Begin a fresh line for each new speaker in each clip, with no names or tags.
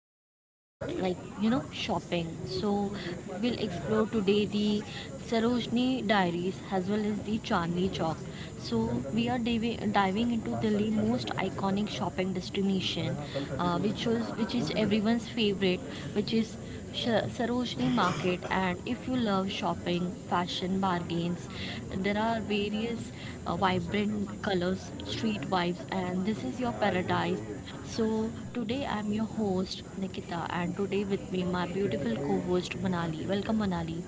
will talk about shopping. So we will explore today the Sarojini Diaries as well as the Chandni Chowk. So we are diving into the most iconic shopping destination, which is everyone's favorite, which is Sarojini Market. And if you love shopping, fashion, bargains, there are various vibrant colors, street vibes, and this is your paradise. So today I'm your host Nikita, and today with me my beautiful co-host Manali. Welcome, Manali.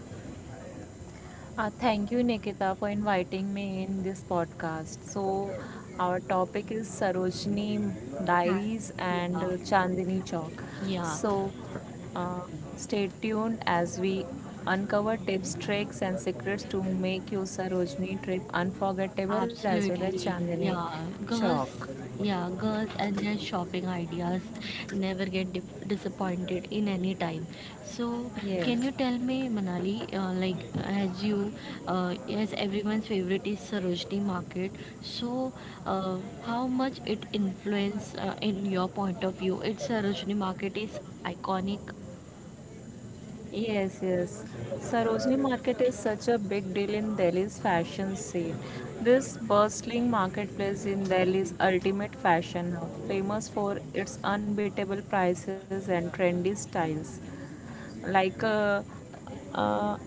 Thank you, Nikita, for inviting me in this podcast. So, our topic is Sarojini
Hi.
Diaries and
Yeah,
Chandni Chowk.
yeah.
So, uh, stay tuned as we uncover tips, tricks, and secrets to make your Sarojini trip unforgettable as well as
Absolutely,
Chandni
yeah. Girls,
Chowk.
yeah, girls and their shopping ideas never get disappointed in any time. So,
Yes.
can you tell me, Manali, like as you, as everyone's favorite is Sarojini Market, so how much it influence in your point of view? It's Sarojini Market is iconic.
Yes, yes. Sarojini Market is such a big deal in Delhi's fashion scene. This bustling marketplace in Delhi is ultimate fashion hub, famous for its unbeatable prices and trendy styles like uh,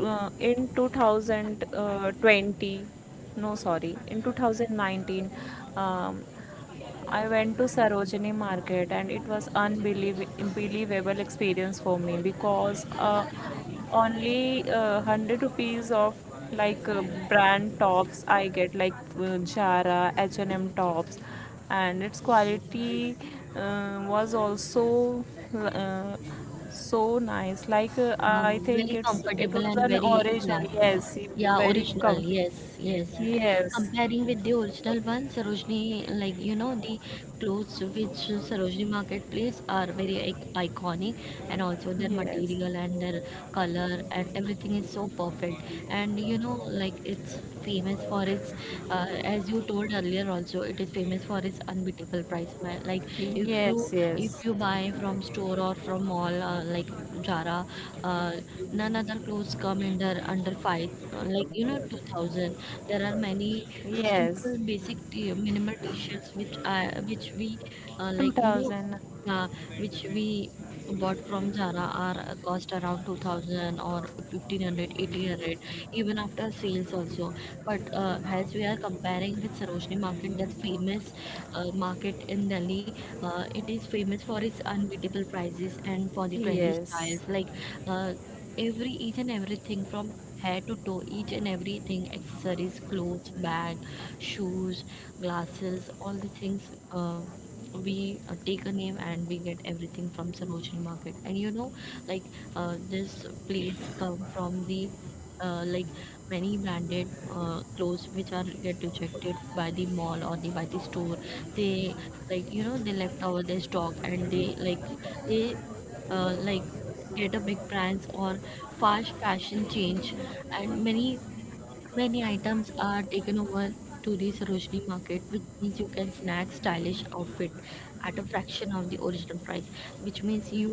in 2020, no sorry, in 2019, um, I went to Sarojini market and it was unbelievable experience for me because only 100 rupees of like brand tops I get like Zara, H&M tops, and its quality was also uh, so nice. Like
Uh,
I think
very
it was
comfortable
an
and very,
original.
yeah,
Yes,
yeah,
very
original,
comfy.
yes, yes,
Yes,
comparing with the original one. Sarojini, the clothes which Sarojini marketplace are very iconic, and also their
yes,
material and their color and everything is so perfect. And it's famous for its, uh, as you told earlier also, it is famous for its unbeatable price like, if you,
yes,
if
yes,
you buy from store or from mall, like Zara, uh, none other clothes come under, under five, 2000. There are many
yes.
simple basic minimal t-shirts which we, uh, like you know
2000.
yeah, which we bought from Zara are cost around 2000 or 1500, even after sales also. But as we are comparing with Sarojini market, their famous market in Delhi, it is famous for its unbeatable prices and for the trendy styles,
Yes,
like, uh, every each and everything from head to toe, each and everything, accessories, clothes, bag, shoes, glasses, all the things, we, take a name and we get everything from Sarojini market. And like this place come from the, uh, like many branded clothes which are get rejected by the mall or the by the store. They, they left out their stock, and they like, they, uh, like get a big brands or fast fashion change, and many many items are taken over to the Sarojini market, which means you can snag stylish outfit at a fraction of the original price. Which means you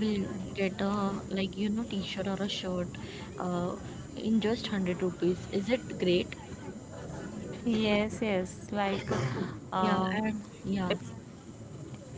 will get a, t-shirt or a shirt, uh, in just 100 rupees. Is it great?
yes, yes, like,
Yeah,
um
and yeah,
it's—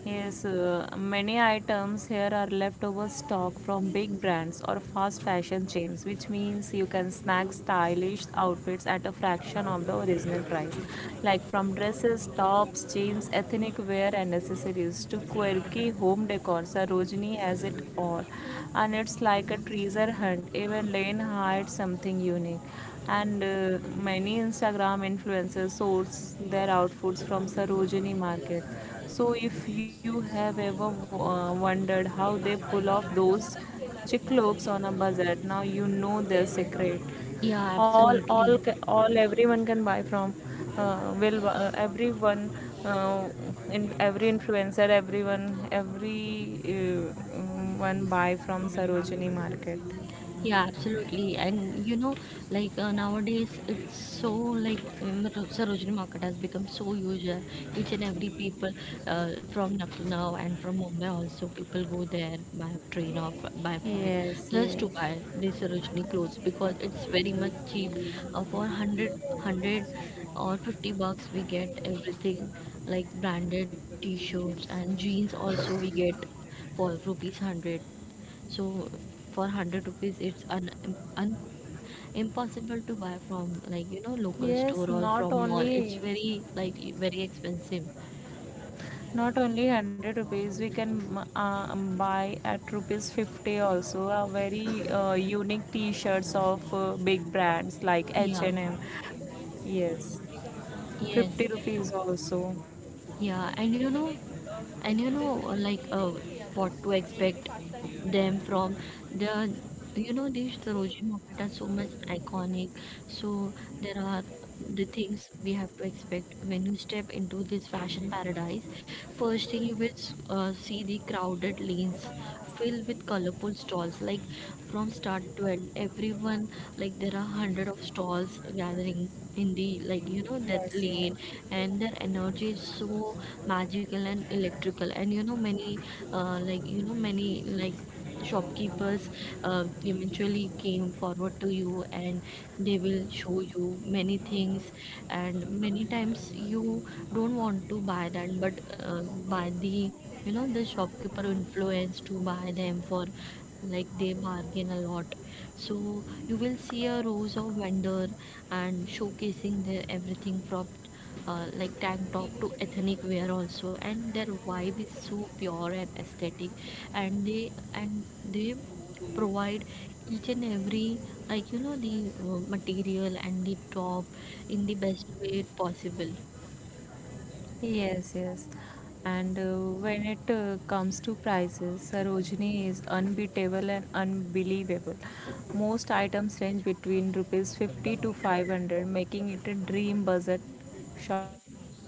Yes, many items here are leftover stock from big brands or fast fashion chains, which means you can snag stylish outfits at a fraction of the original price. Like from dresses, tops, jeans, ethnic wear, and accessories to quirky home decor, Sarojini has it all. And it's like a treasure hunt, even Lane hides something unique. And many Instagram influencers source their outfits from Sarojini market. So if you have ever wondered how they pull off those chic looks on a budget, now you know their secret.
yeah,
all
absolutely.
all ca- all everyone can buy from, will, everyone, uh, in every influencer, everyone, every one buy from Sarojini market.
Yeah, absolutely. And you know, like, nowadays, it's so like, Sarojini Market has become so usual. Each and every people, from Lucknow and from Mumbai also, people go there by train or by flight,
Yes,
just to
yes.
buy these Sarojini clothes because it's very much cheap. For 100, or 50 bucks, we get everything like branded t-shirts and jeans also we get for rupees 100. So for 100 rupees, it's un, un impossible to buy from local store
Yes,
or
not
from mall. It's
only
very, like very expensive.
not only 100 rupees we can buy at rupees 50 also a very unique t-shirts of big brands like
Yeah.
H&M. Yes. 50
Yes.
rupees also.
Yeah. And you know, and you know like, what to expect them from the, you know, this Sarojini market are so much iconic. So there are the things we have to expect when you step into this fashion paradise. First thing you will see the crowded lanes filled with colorful stalls, like from start to end everyone, like there are hundred of stalls gathering in the, that
Yes, yes.
lane, and their energy is so magical and electrical. And you know, many, uh, like you know many like shopkeepers eventually came forward to you, and they will show you many things. And many times you don't want to buy that, but by the, you know, the shopkeeper influence to buy them for, like they bargain a lot. So you will see a rows of vendor and showcasing their everything from, like tank top to ethnic wear also, and their vibe is so pure and aesthetic. And they, and they provide each and every, the material and the top in the best way possible.
Yes, yes. And when it comes to prices, Sarojini is unbeatable and unbelievable. Most items range between rupees 50 to 500, making it a dream budget shoppers.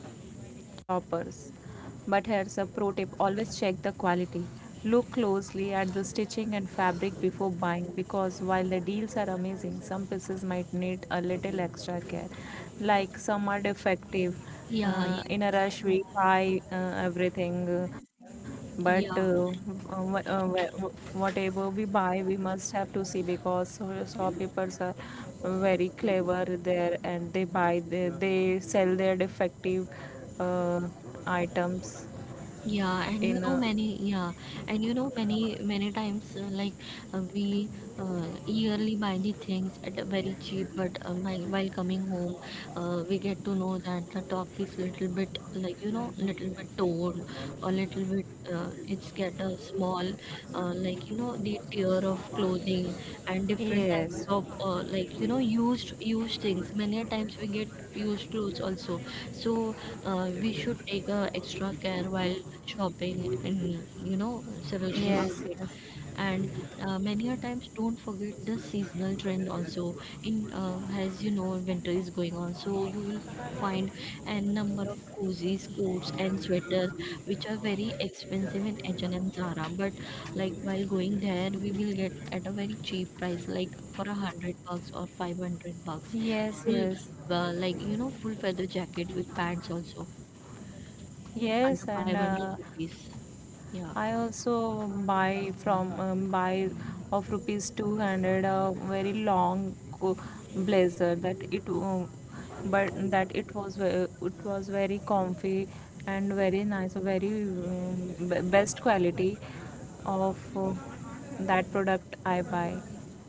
But here's a pro tip, always check the quality. Look closely at the stitching and fabric before buying because while the deals are amazing, some pieces might need a little extra care. Like some are defective.
Yeah,
In a
yeah,
rush we buy everything, but
yeah.
uh, whatever we buy we must have to see because shopkeepers are very clever there, and they sell their defective uh, items
Yeah, and you
in
know,
a—
many, yeah, and you know many many times, we, yearly buy the things at a very cheap, but while coming home, we get to know that the top is little bit, little bit torn, or little bit, it's get a small, the tier of clothing, and different types
Yes,
of, used, used things. Many a times we get used clothes also. So we should take extra care while shopping in, you know, Sarojini
yes,
market.
yes,
And many a times, don't forget the seasonal trend also. In, as you know, winter is going on, so you will find a number of cozies coats and sweater which are very expensive in H&M, Zara, but like while going there, we will get at a very cheap price, like for 100 bucks or 500 bucks.
yes,
Full,
yes.
full feather jacket with pads also under
Yes,
five
and
hundred rupees. Yeah.
I also buy from buy of rupees 200 a very long blazer that it but that it was it was very comfy and very nice, very best quality of that product I buy.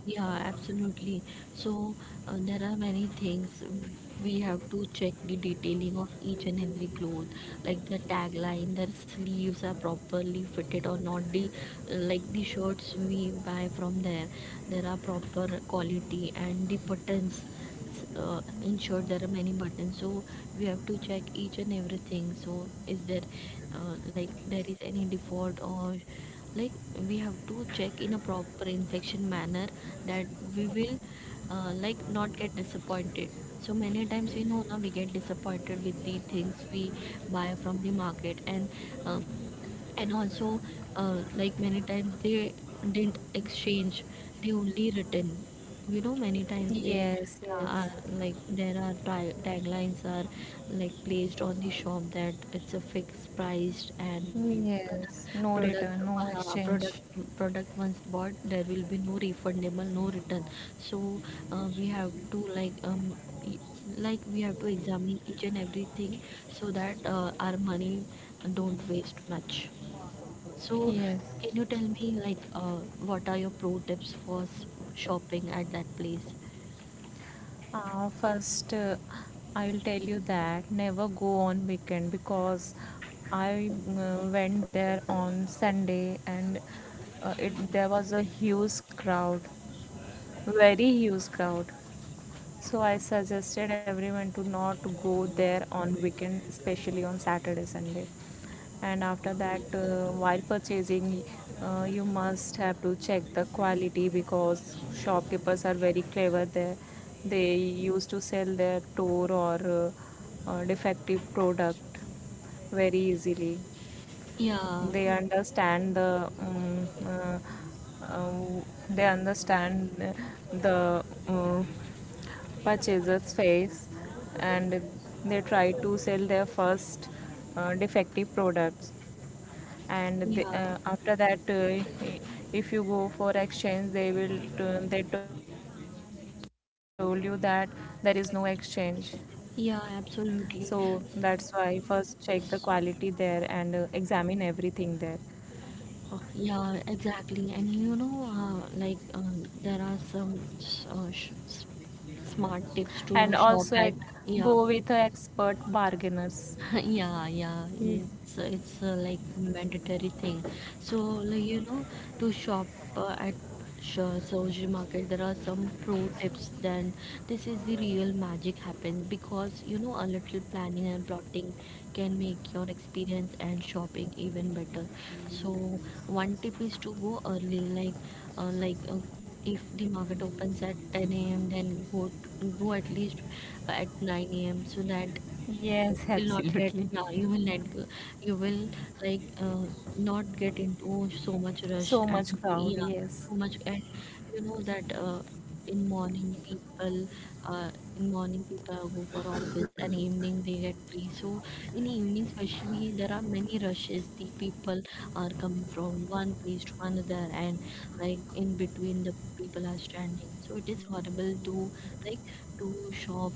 Yeah, absolutely. So there are many things we have to check, the detailing of each and every cloth, like the tagline, the sleeves are properly fitted or not. The, like the shirts we buy from there, there are proper quality and the buttons. In short, there are many buttons, so we have to check each and everything. So is there like, there is any default or like, we have to check in a proper infection manner that we will like not get disappointed. So many times we know, now we get disappointed with the things we buy from the market. And uh, and also like many times they didn't exchange, they only written, you know many times they
Yes,
are
yes.
like, there are tag, taglines are like placed on the shop that it's a fixed price, and
Yes, no
product
return, no
product uh,
exchange.
product product once bought, there will be no refundable, no return. So we have to like, e- we have to examine each and everything so that our money don't waste much. So,
Yes.
can you tell me, like, what are your pro tips for shopping at that place?
First, I will tell you that never go on weekend because I went there on Sunday, and it there was a huge crowd, very huge crowd. So I suggested everyone to not go there on weekend, especially on Saturday, Sunday. And after that, while purchasing, you must have to check the quality because shopkeepers are very clever there. They used to sell their torn or defective product very easily.
Yeah,
They understand the uh, they understand the purchaser's face, and they try to sell their first defective products. And they,
yeah,
after that if you go for exchange they will, they told you that there is no exchange.
yeah,
So
absolutely.
that's why first check the quality there and examine everything there.
Yeah, exactly. And you know, there are some s- uh, sh s- smart tips
And
to shop
also,
at.
like,
Yeah,
go with a expert bargainers.
yeah, yeah,
Ye-
it's, like mandatory thing. So, to shop at sure surgery market, there are some pro tips. Then this is the real magic happens, because you know a little planning and plotting can make your experience and shopping even better. So one tip is to go early, uh, like uh, if the market opens at 10 a.m., then go at least at 9 a.m., so that you
Yes,
will not get,
absolutely.
yeah, you will not go- you will, like uh, not get into so much rush.
So
And
much crowd.
yeah,
Yes.
so much. And you know that, in morning people uh, in morning people go for office, and evening they get free. So in evening especially, there are many rushes, the people are coming from one place to another, and like in between the people are standing, so it is horrible to like to shop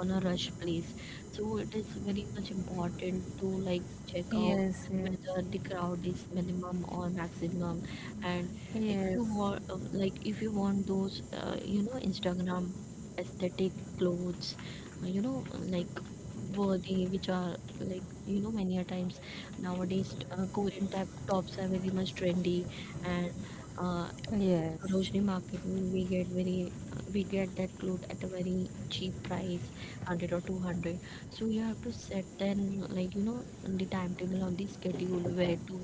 on a rush place. So it is very much important to like check out
Yes.
whether the crowd is minimum or maximum. And
Yes.
if you
Yes.
want, if you want those, Instagram aesthetic clothes, uh, you know, like worthy, which are like, you know, many a times nowadays, Korean type tops are very much trendy, and. Uh,
Yes.
Sarojini market, we get that cloth at a very cheap price, 100 or 200. So you have to set then, the timetable on the schedule,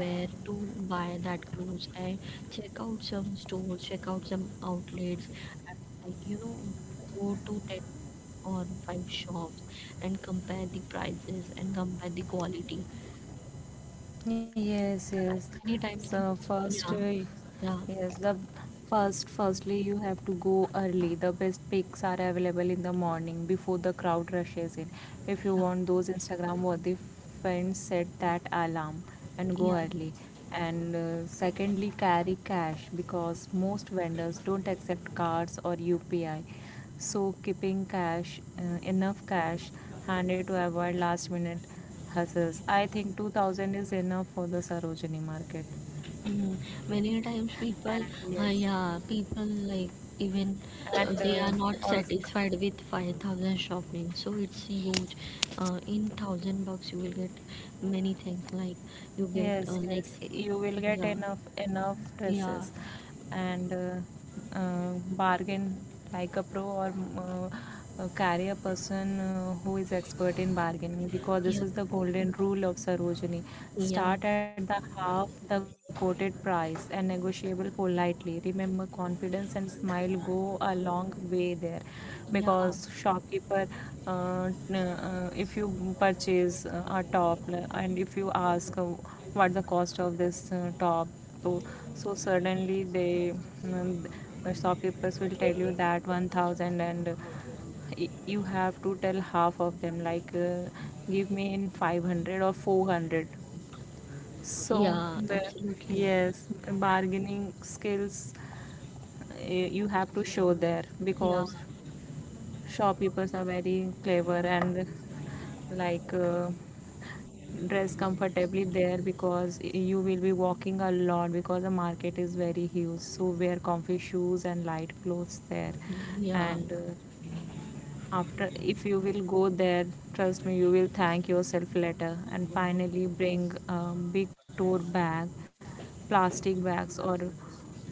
where to buy that clothes. And check out some stores, check out some outlets, and like you know go to 10 or 5 shops and compare the prices and compare the quality.
Yes,
Yeah, and
yes.
many times
So first,
you know, yeah,
yes,
yeah,
firstly, you have to go early. The best pics are available in the morning before the crowd rushes in. If you
yeah,
want those Instagram worthy friends, set that alarm and
yeah.
go early. And secondly, carry cash because most vendors don't accept cards or UPI. So keeping cash, enough cash handy to avoid last minute hustles. I think 2000 is enough for the Sarojini market.
Mm. Many times
And
people,
yes,
yeah, people like, even
and
they are not
also.
satisfied with 5,000 shopping, so it's huge. In 1000 bucks, you will get many things like, you get
Yes, yes, you will get
yeah,
enough
yeah,
dresses. And bargain like a pro, or carry a person who is expert in bargaining because this
yeah,
is the golden rule of Sarojini.
yeah,
Start at the half the quoted price and negotiable politely. Remember, confidence and smile go a long way there
yeah,
because shopkeeper— if you purchase a and if you ask what the cost of this top, so, so suddenly they, mm, the shopkeepers will tell you that 1000, and you have to tell half of them, like, give me in 500 or 400. So
yeah,
the—
absolutely.
yes, bargaining skills you have to show there
Yeah,
because shopkeepers are very clever. And, like, dress comfortably there because you will be walking a lot because the market is very huge, so wear comfy shoes and light clothes there.
yeah.
And after, if you will go there, trust me, you will thank yourself later. And finally, bring a big tote bag. Plastic bags or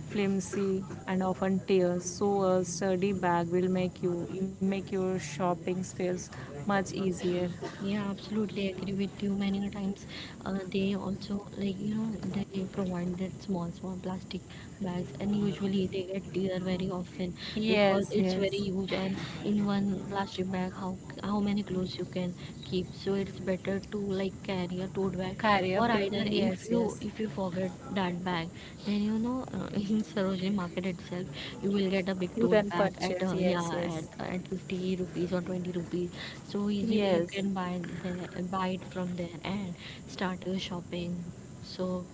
flimsy and often tears, so a sturdy bag will make your shopping space much easier.
Yeah, absolutely agree with you. Many a times, they also, they provide that small small plastic bags, and usually they get tear very often because
Yes,
it's very
yes,
huge. And in one plastic bag, how many clothes you can keep? So it's better to like carry a tote bag
carry a
or
big
either
one.
if
Yes,
you
yes,
if you forget that bag then in Sarojini market itself you will get a big
you
tote
can
bag at
purchase.
uh,
Yes,
yeah at,
yes.
uh, at 50 rupees or 20 rupees so easily you
Yes,
can buy there, buy it from there and start your shopping. So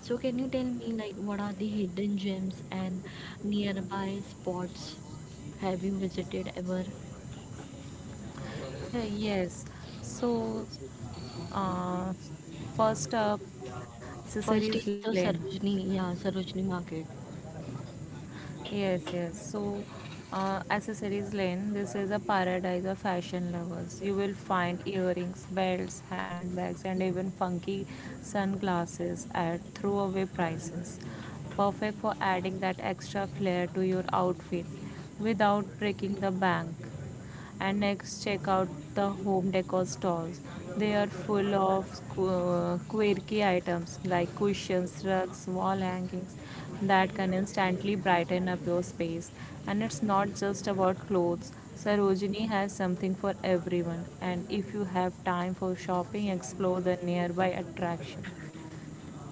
can you tell me like what are the hidden gems and nearby spots have you visited ever?
yes. So— Uh, first up,
First
accessories
is
lane.
the Sarojini, yeah, Sarojini market.
Yes, yes. So, accessories lane. This is a paradise of fashion lovers. You will find earrings, belts, handbags, and even funky sunglasses at throwaway prices. Perfect for adding that extra flair to your outfit without breaking the bank. And next, check out the home decor stalls. They are full of quirky items like cushions, rugs, wall hangings that can instantly brighten up your space. And it's not just about clothes, Sarojini has something for everyone. And if you have time for shopping, explore the nearby attraction.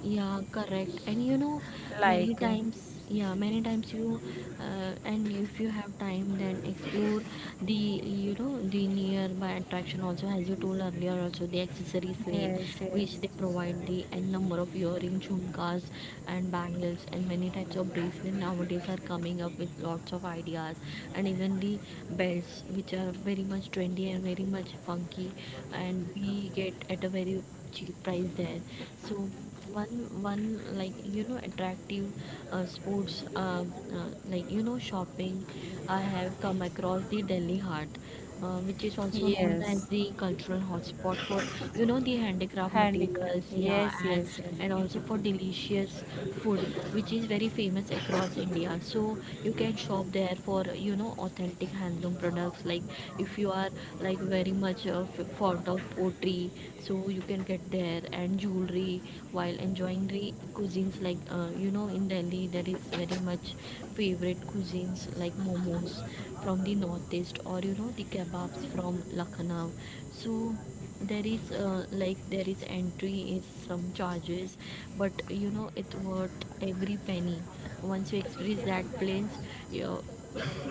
Yeah, correct. And you know, many
Like,
times, yeah, many times, and if you have time, then explore the, you know, the nearby attraction also, as you told earlier, also the accessories lane,
yes,
which
yes,
they provide the n number of earring, jhumkas, and bangles, and many types of bracelet nowadays are coming up with lots of ideas, and even the belts, which are very much trendy and very much funky, and we get at a very cheap price there. So one one like you know attractive sports like you know shopping I have come across the Delhi Heart, which is also known as
yes.
the cultural hotspot for you know the handicraft
Handicraft.
materials, yeah,
Yes,
and
yes, yes,
also for delicious food which is very famous across India. So you can shop there for you know authentic handloom products like if you are like very much of fond of pottery, so you can get there, and jewelry, while enjoying the cuisines like you know in Delhi there is very much favorite cuisines like momos from the northeast or you know the kebabs from Lucknow. So there is entry is some charges, but you know it worth every penny. Once you experience that place, you,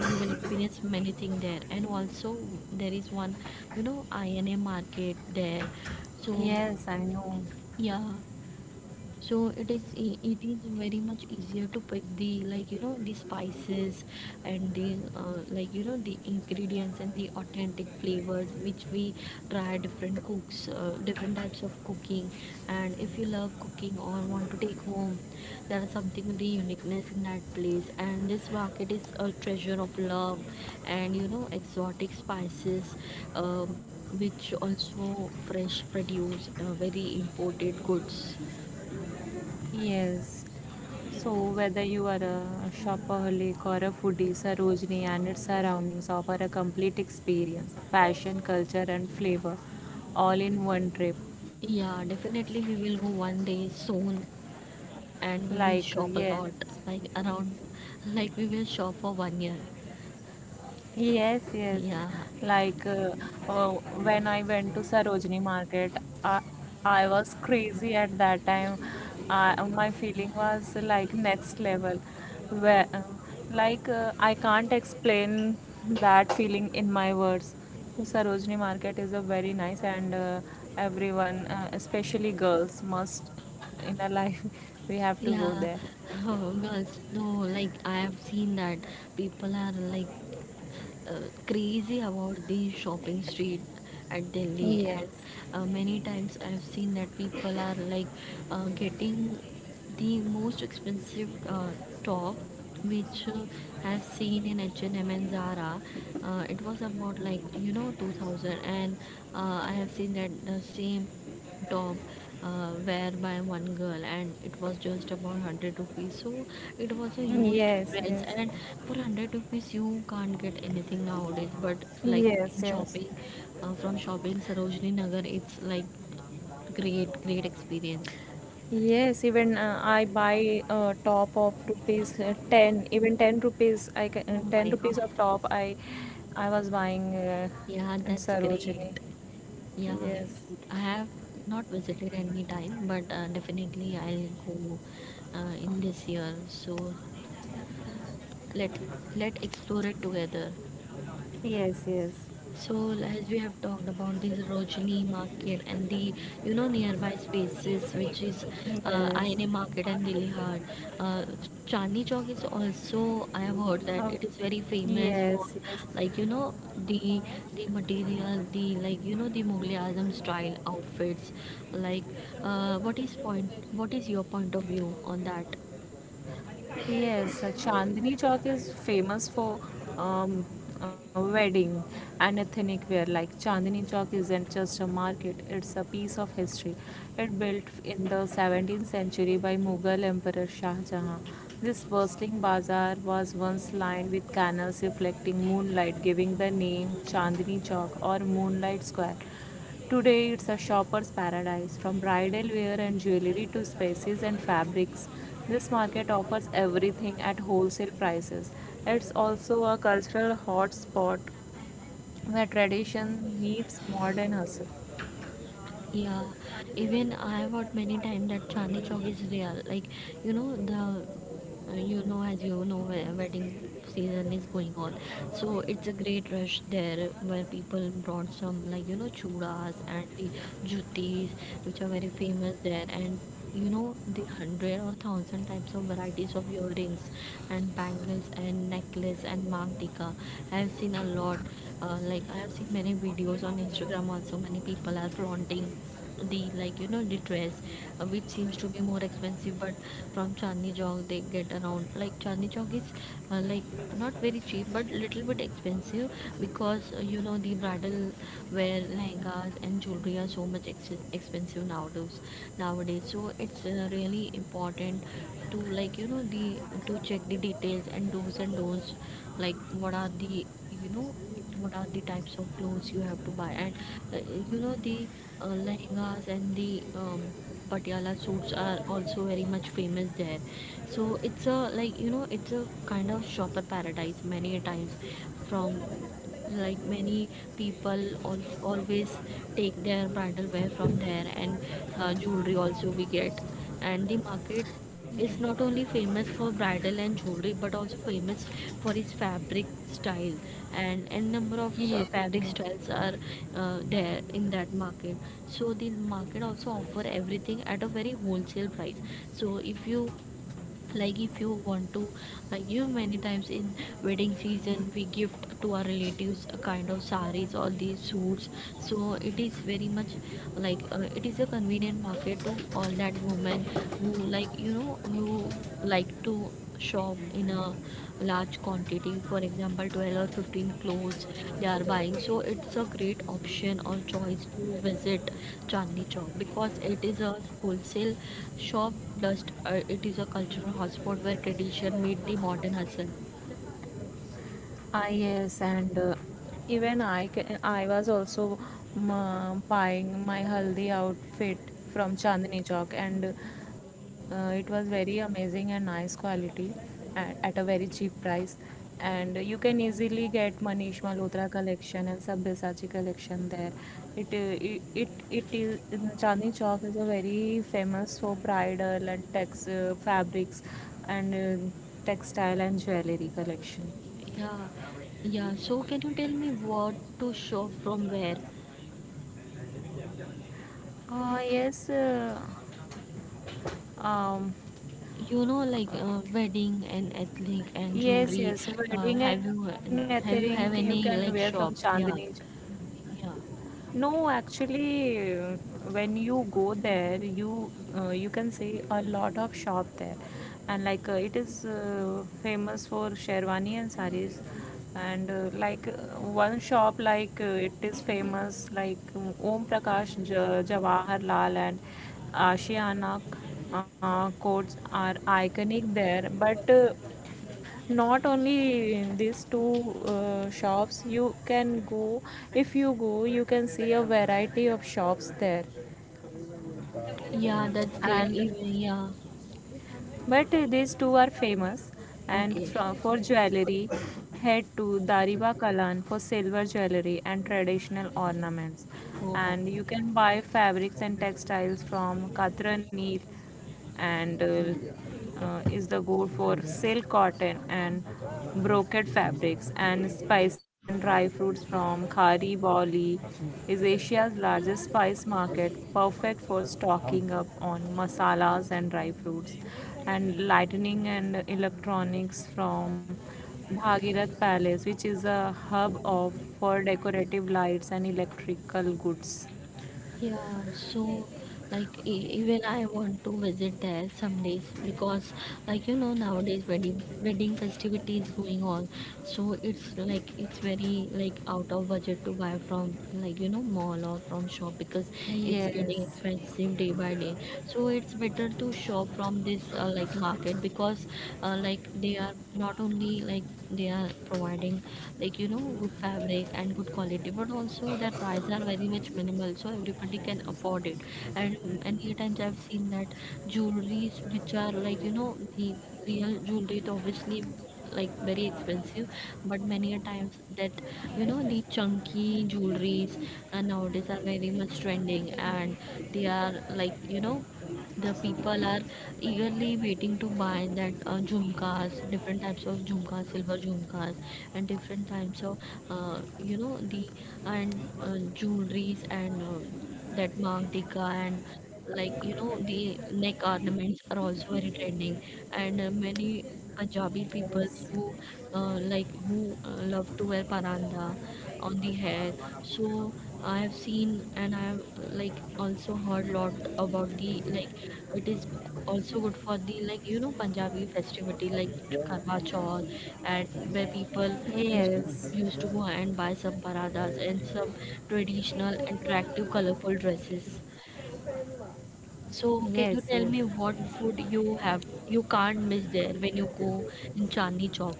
you will experience many things there, and also there is one you know INA market there. So
yes. I know.
yeah, so it is very much easier to pick the like you know the spices and the like you know the ingredients and the authentic flavors which we try different cooks, different types of cooking. And if you love cooking or want to take home, there is something with the uniqueness in that place, and this market is a treasure of love and you know exotic spices, um, which also fresh produce, very imported goods.
Yes. So whether you are a shopaholic or a foodie, Sarojini and its surroundings offer a complete experience, fashion, culture, and flavor all in one trip.
Yeah, definitely we will go one day soon and we
Like—
will shop
yes.
a lot, like around, like we will shop for one year.
Yes, yes.
Yeah,
Like, uh, when I went to Sarojini market, I, I was crazy at that time. I, my feeling was like next level. Where, like, I can't explain that feeling in my words. Sarojini market is a very nice, and everyone, especially girls, must— in our life, we have to go
yeah.
there.
Oh, girls, no, like I have seen that people are like crazy about the shopping street at Delhi, and
Yes.
many times I have seen that people are like getting the most expensive top which I've seen in H&M and M and Zara. It was about like you know 2000, and I have seen that the same top wear by one girl and it was just about 100 rupees. So it was a huge
Yes, yes.
difference, and for 100 rupees you can't get anything nowadays, but like
Yes,
in
yes.
shopping, from shopping Sarojini Nagar, it's like great great experience.
Yes, even I buy a top of rupees 10, even 10 rupees, I can,
Oh my
10 rupees
god.
of top I was buying
Yeah,
in
that's great.
Sarojini.
Yeah,
Yes.
I have not visited any time, but definitely I'll go in this year. So let let explore it together.
Yes, yes,
So as we have talked about this Rojini market and the you know nearby spaces which is
yes.
Aine market and Dilli Hard, uh, Chandni Chowk is also I have heard that
Oh,
it is very famous for
yes, yes.
like you know the material, the like you know the Mughal Azam style outfits. Like what is point, what is your point of view on that?
Yes, Chandni Chowk is famous for um, a wedding and ethnic wear. Like Chandni Chowk isn't just a market, it's a piece of history. It built in the 17th century by Mughal Emperor Shah Jahan. This bustling bazaar was once lined with canals reflecting moonlight, giving the name Chandni Chowk or Moonlight Square. Today it's a shopper's paradise, from bridal wear and jewelry to spices and fabrics. This market offers everything at wholesale prices. It's also a cultural hotspot where tradition meets modern hustle.
Yeah, even I have heard many times that Chandni Chowk is real. Like, you know, the you know, as you know, wedding season is going on, so it's a great rush there where people brought some like you know chudas and the jutis, which are very famous there, and you know the hundred or thousand types of varieties of earrings and bangles and necklace and mangtika. I have seen a lot. I have seen many videos on Instagram, also many people are flaunting the like you know the dress, which seems to be more expensive, but from Chandni Chowk they get around. Like Chandni Chowk is like not very cheap but little bit expensive, because you know the bridal wear lehengas and jewelry are so much expensive nowadays. Nowadays, so it's really important to like you know the to check the details and do's and don'ts, like what are the you know what are the types of clothes you have to buy, and uh, you know the lehengas and the Patiala suits are also very much famous there. So it's a like you know it's a kind of shopper paradise many a times from like many people always take their bridal wear from there, and jewelry also we get, and the market
Yes.
is not only famous for bridal and jewelry but also famous for his fabric style, and a number of
Yes.
fabric styles are there in that market. So the market also offer everything at a very wholesale price. So if you like if you want to give many times in wedding season we gift to our relatives a kind of saris or these suits. So it is very much like it is a convenient market to all that women who like you know who like to shop in a large quantity, for example 12 or 15 clothes they are buying. So it's a great option or choice to visit Chandni Chowk because it is a wholesale shop, plus it is a cultural hotspot where tradition meet the modern hustle.
Ah, yes, and even I was also buying my haldi outfit from Chandni Chowk, and it was very amazing and nice quality, at a very cheap price. And you can easily get Manish Malhotra collection and Sabyasachi collection there. It is Chandni Chowk is a very famous for bridal and tex fabrics and textile and jewelry collection.
Yeah, yeah. So can you tell me what to shop from where,
Yes, um,
you know like
um,
wedding and ethnic and
yes,
jewelry?
yes. Wedding, and
Have
I
you
think you can
have
wear
any
from
like
Chandni
shop?
Chowk.
Yeah, yeah.
No, actually, when you go there, you can see a lot of shop there, and like, it is famous for sherwani and saris, and like, one shop, like, it is famous, like, Om Prakash Jawaharlal and Ashiana, codes are iconic there, but— not only in these two shops you can go. If you go, you can see a variety of shops there.
Yeah, that's great.
And
Even yeah,
but these two are famous. And
okay.
for jewelry, head to Dariba Kalan for silver jewelry and traditional ornaments.
Oh,
And you can buy fabrics and textiles from Katrani, and is the goal for silk, cotton, and brocade fabrics. And spices and dry fruits from Khari Baoli is Asia's largest spice market, perfect for stocking up on masalas and dry fruits. And lighting and electronics from Bhagirath Palace, which is a hub of for decorative lights and electrical goods.
yeah. So, like even I want to visit there some days because, like you know, nowadays wedding festivities going on. So it's like it's very like out of budget to buy from like you know mall or from shop because it's getting
Yes,
expensive day by day. So it's better to shop from this like market, because like they are not only like they are providing like you know good fabric and good quality, but also their prices are very much minimal so everybody can afford it. And many times I've seen that jewelries which are like you know the real jewelries obviously like very expensive, but many a times that you know the chunky jewelries and nowadays are very much trending, and they are like you know the people are eagerly waiting to buy that jhumkas, different types of jhumkas, silver jhumkas, and different types of you know the and jewelries, and that mantika, and like you know the neck ornaments are also very trending. And many Punjabi
yes,
people who love to wear paranda on the hair. So I have seen and I have like also heard lot about the like it is also good for the like you know Punjabi festivity like Karwa Chauth and where people
yes.
used to go and buy some paradas and some traditional attractive colorful dresses. So, can you
Yes,
tell
yes.
me what food you have you can't miss there when you go in Chandni Chowk?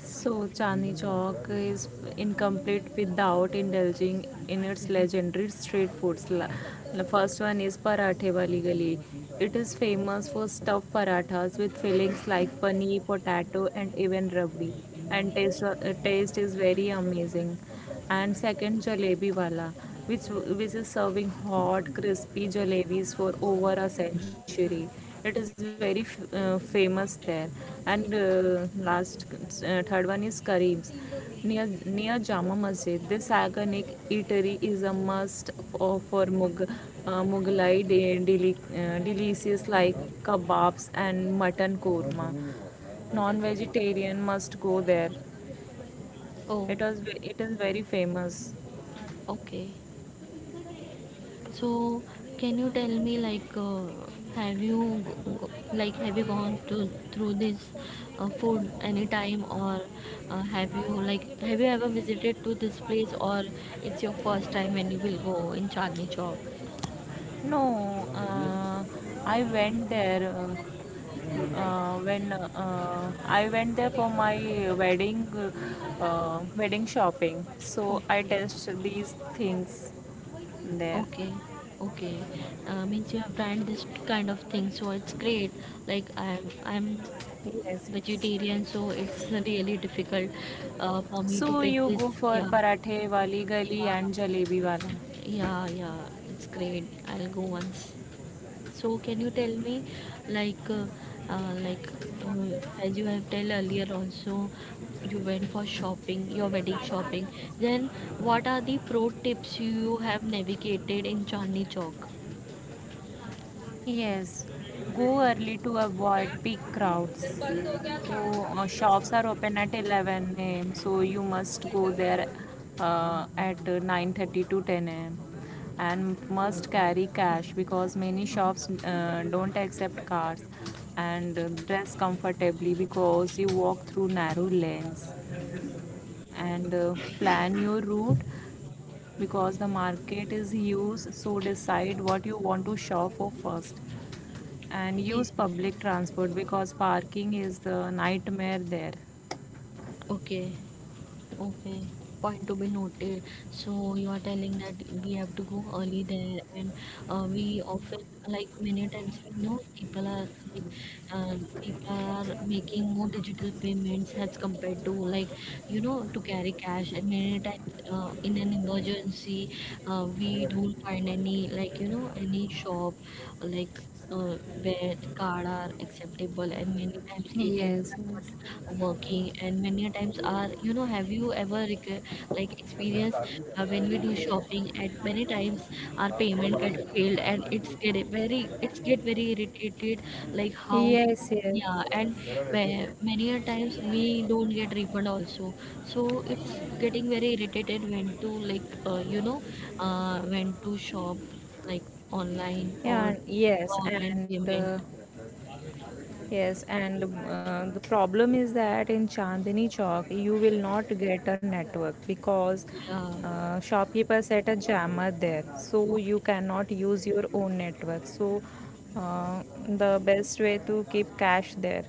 So Chandni Chowk is incomplete without indulging in its legendary street foods. The first one is Parathe Wali Gali. It is famous for stuffed parathas with fillings like paneer, potato, and even rabdi. And taste is very amazing. And second, jalebi wala, which which is serving hot crispy jalebis for over a century. It is very famous there. And last third one is Kareem's, near Jama Masjid. This iconic eatery is a must for mughlai delicious like kebabs and mutton korma. Non vegetarian must go there.
Oh,
it was it is very famous.
okay. So, can you tell me like have you go, go- like have you gone to through this food anytime, or have you ever visited to this place, or it's your first time when you will go in Chandni Chowk?
No, I went there uh, I went there for my wedding, wedding shopping. So I
Okay.
test these things there.
Okay, okay. Means you have tried this kind of thing, so it's great. Like I'm
Yes, yes.
vegetarian, so it's really difficult for me to
So
pick
you
this.
go for
Yeah,
Parathe Wali Gali
yeah,
and Jalebi Wala.
yeah, yeah. It's great. I'll go once. So can you tell me, like, uh, uh, like uh, as you have tell earlier also, you went for shopping, your wedding shopping. Then what are the pro tips you have navigated in Chandni Chowk?
Yes, go early to avoid big crowds.
फिर बंद हो गया था
So, shops are open at 11 a.m. So you
तो
must go
वैसा
there,
आगे
at 9:30 to 10 a.m. And must carry cash because many shops don't accept cards. And dress comfortably because you walk through narrow lanes. And plan your route because the market is huge, so decide what you want to shop for first. And use
okay
public transport because parking is the nightmare there.
Okay Okay, point to be noted. So you are telling that we have to go early there, and we often like many times we know people are like uh, people are making more digital payments as compared to like you know to carry cash, and many times in an emergency we don't find any like you know any shop like uh, where card are acceptable, and many times
Yes,
ATMs are
yes.
not working, and many a times are you know have you ever like experienced when we do shopping at many times our payment get failed and it's get very irritated like how to-
Yes, yes.
yeah, and many a times we don't get refund also. So it's getting very irritated when to like you know when to shop like online or
Yeah, yes,
online
and
payment.
the problem is that in Chandni Chowk you will not get a network because
Yeah,
shopkeepers set a jammer there, so you
okay,
cannot use your own network. So, the best way to keep cash there,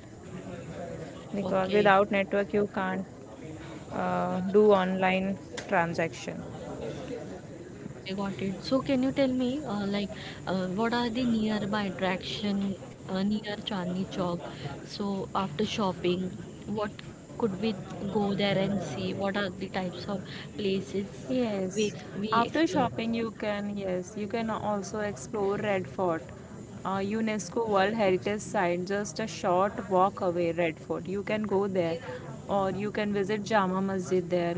because
okay.
without network you can't do online transaction.
I got it. So can you tell me, what are the nearby attraction near Chandni Chowk? So after shopping, what could we go there and see? What are the types of places
Yes,
we
after
explore?
shopping, you can, yes, you can also explore Red Fort, UNESCO World Heritage Site, just a short walk away, Red Fort. You can go there, or you can visit Jama Masjid there,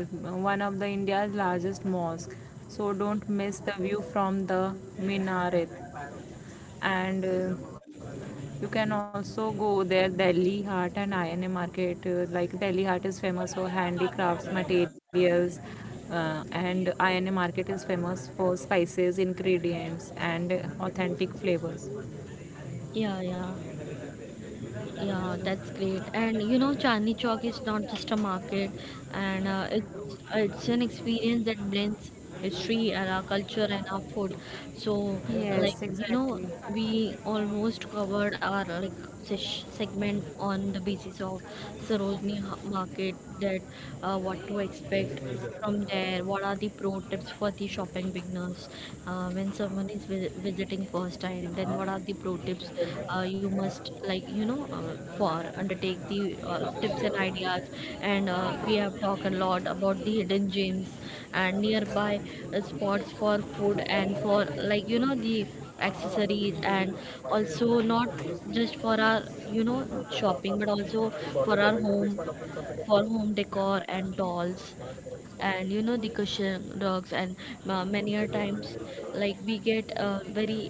one of the India's largest mosque. So don't miss the view from the minaret. And you can also go there Delhi Hart and INA market. Like, Delhi Hart is famous for handicrafts materials, and INA market is famous for spices, ingredients, and authentic flavors.
Yeah, yeah. Yeah, that's great. And you know, Chandni Chowk is not just a market, and it's an experience that blends history and our culture and our food. So, like
Yes,
you know,
exactly,
we almost covered our like segment on the basis of Sarojini Market. That what to expect from there. What are the pro tips for the shopping beginners when someone is visiting first time? Then what are the pro tips you must like you know for undertake the tips and ideas. And we have talked a lot about the hidden gems and nearby spots for food and for like you know the accessories, and also not just for our you know shopping but also for our home, for home decor and dolls and you know the cushion rugs. And many a times like we get uh, very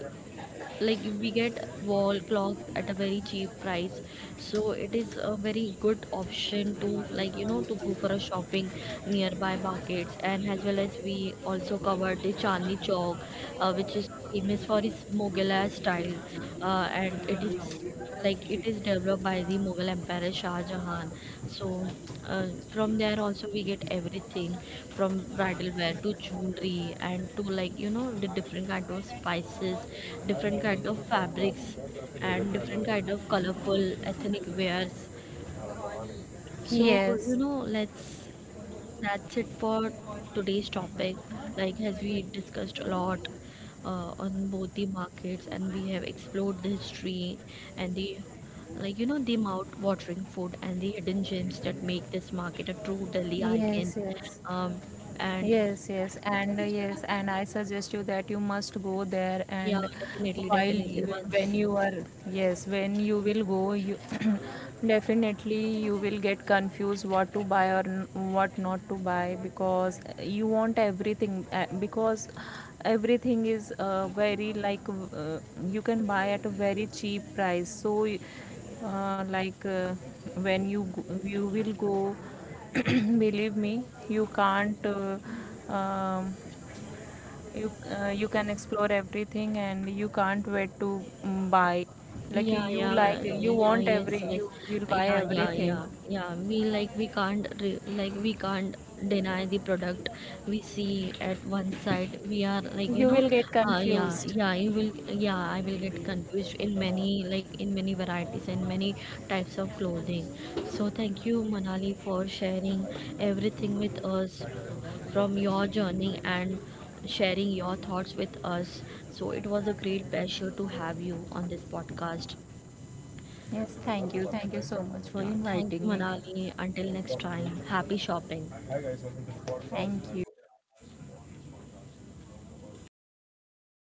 we get wall clock at a very cheap price. So it is a very good option to like you know to go for a shopping nearby markets, and as well as we also covered the Chandni Chowk which is famous for its Mughal style, and it is like it is developed by the Mughal Emperor Shah Jahan. So from there also we get everything from bridal wear to jewelry and to like you know the different kind of spices, different kind of fabrics, and different kind of colorful ethnic wears. So
yes.
let's that's it for today's topic. Like, as we discussed a lot on both the markets, and we have explored the history and the like you know the mouth-watering food and the hidden gems that make this market a true Delhi icon.
Yes, yes.
Um, and
Yes, yes, and yes, and I suggest you that you must go there.
yeah,
And
definitely,
while
definitely.
when
Once
you are, yes, when you will go, you definitely you will get confused what to buy or what not to buy because you want everything. Because everything is very, like, you can buy at a very cheap price. So, like, when you go, you will go. Believe me, you can't um, you you can explore everything, and you can't wait to buy, like,
yeah, yeah,
you
yeah,
want
yes,
every
yes,
you will buy
yeah, yeah,
everything.
yeah, yeah. We like we can't re like we can't deny the product we see at one side. We are like you
You
know,
will get
yeah,
confused.
yeah. You will, yeah, I will get confused in many varieties and many types of clothing. So thank you, Manali, for sharing everything with us from your journey and sharing your thoughts with us. So it was a great pleasure to have you on this podcast.
Yes. Thank you so much for
Yeah, thank
inviting
you,
me.
Manali. Until next time, happy shopping.
Thank you.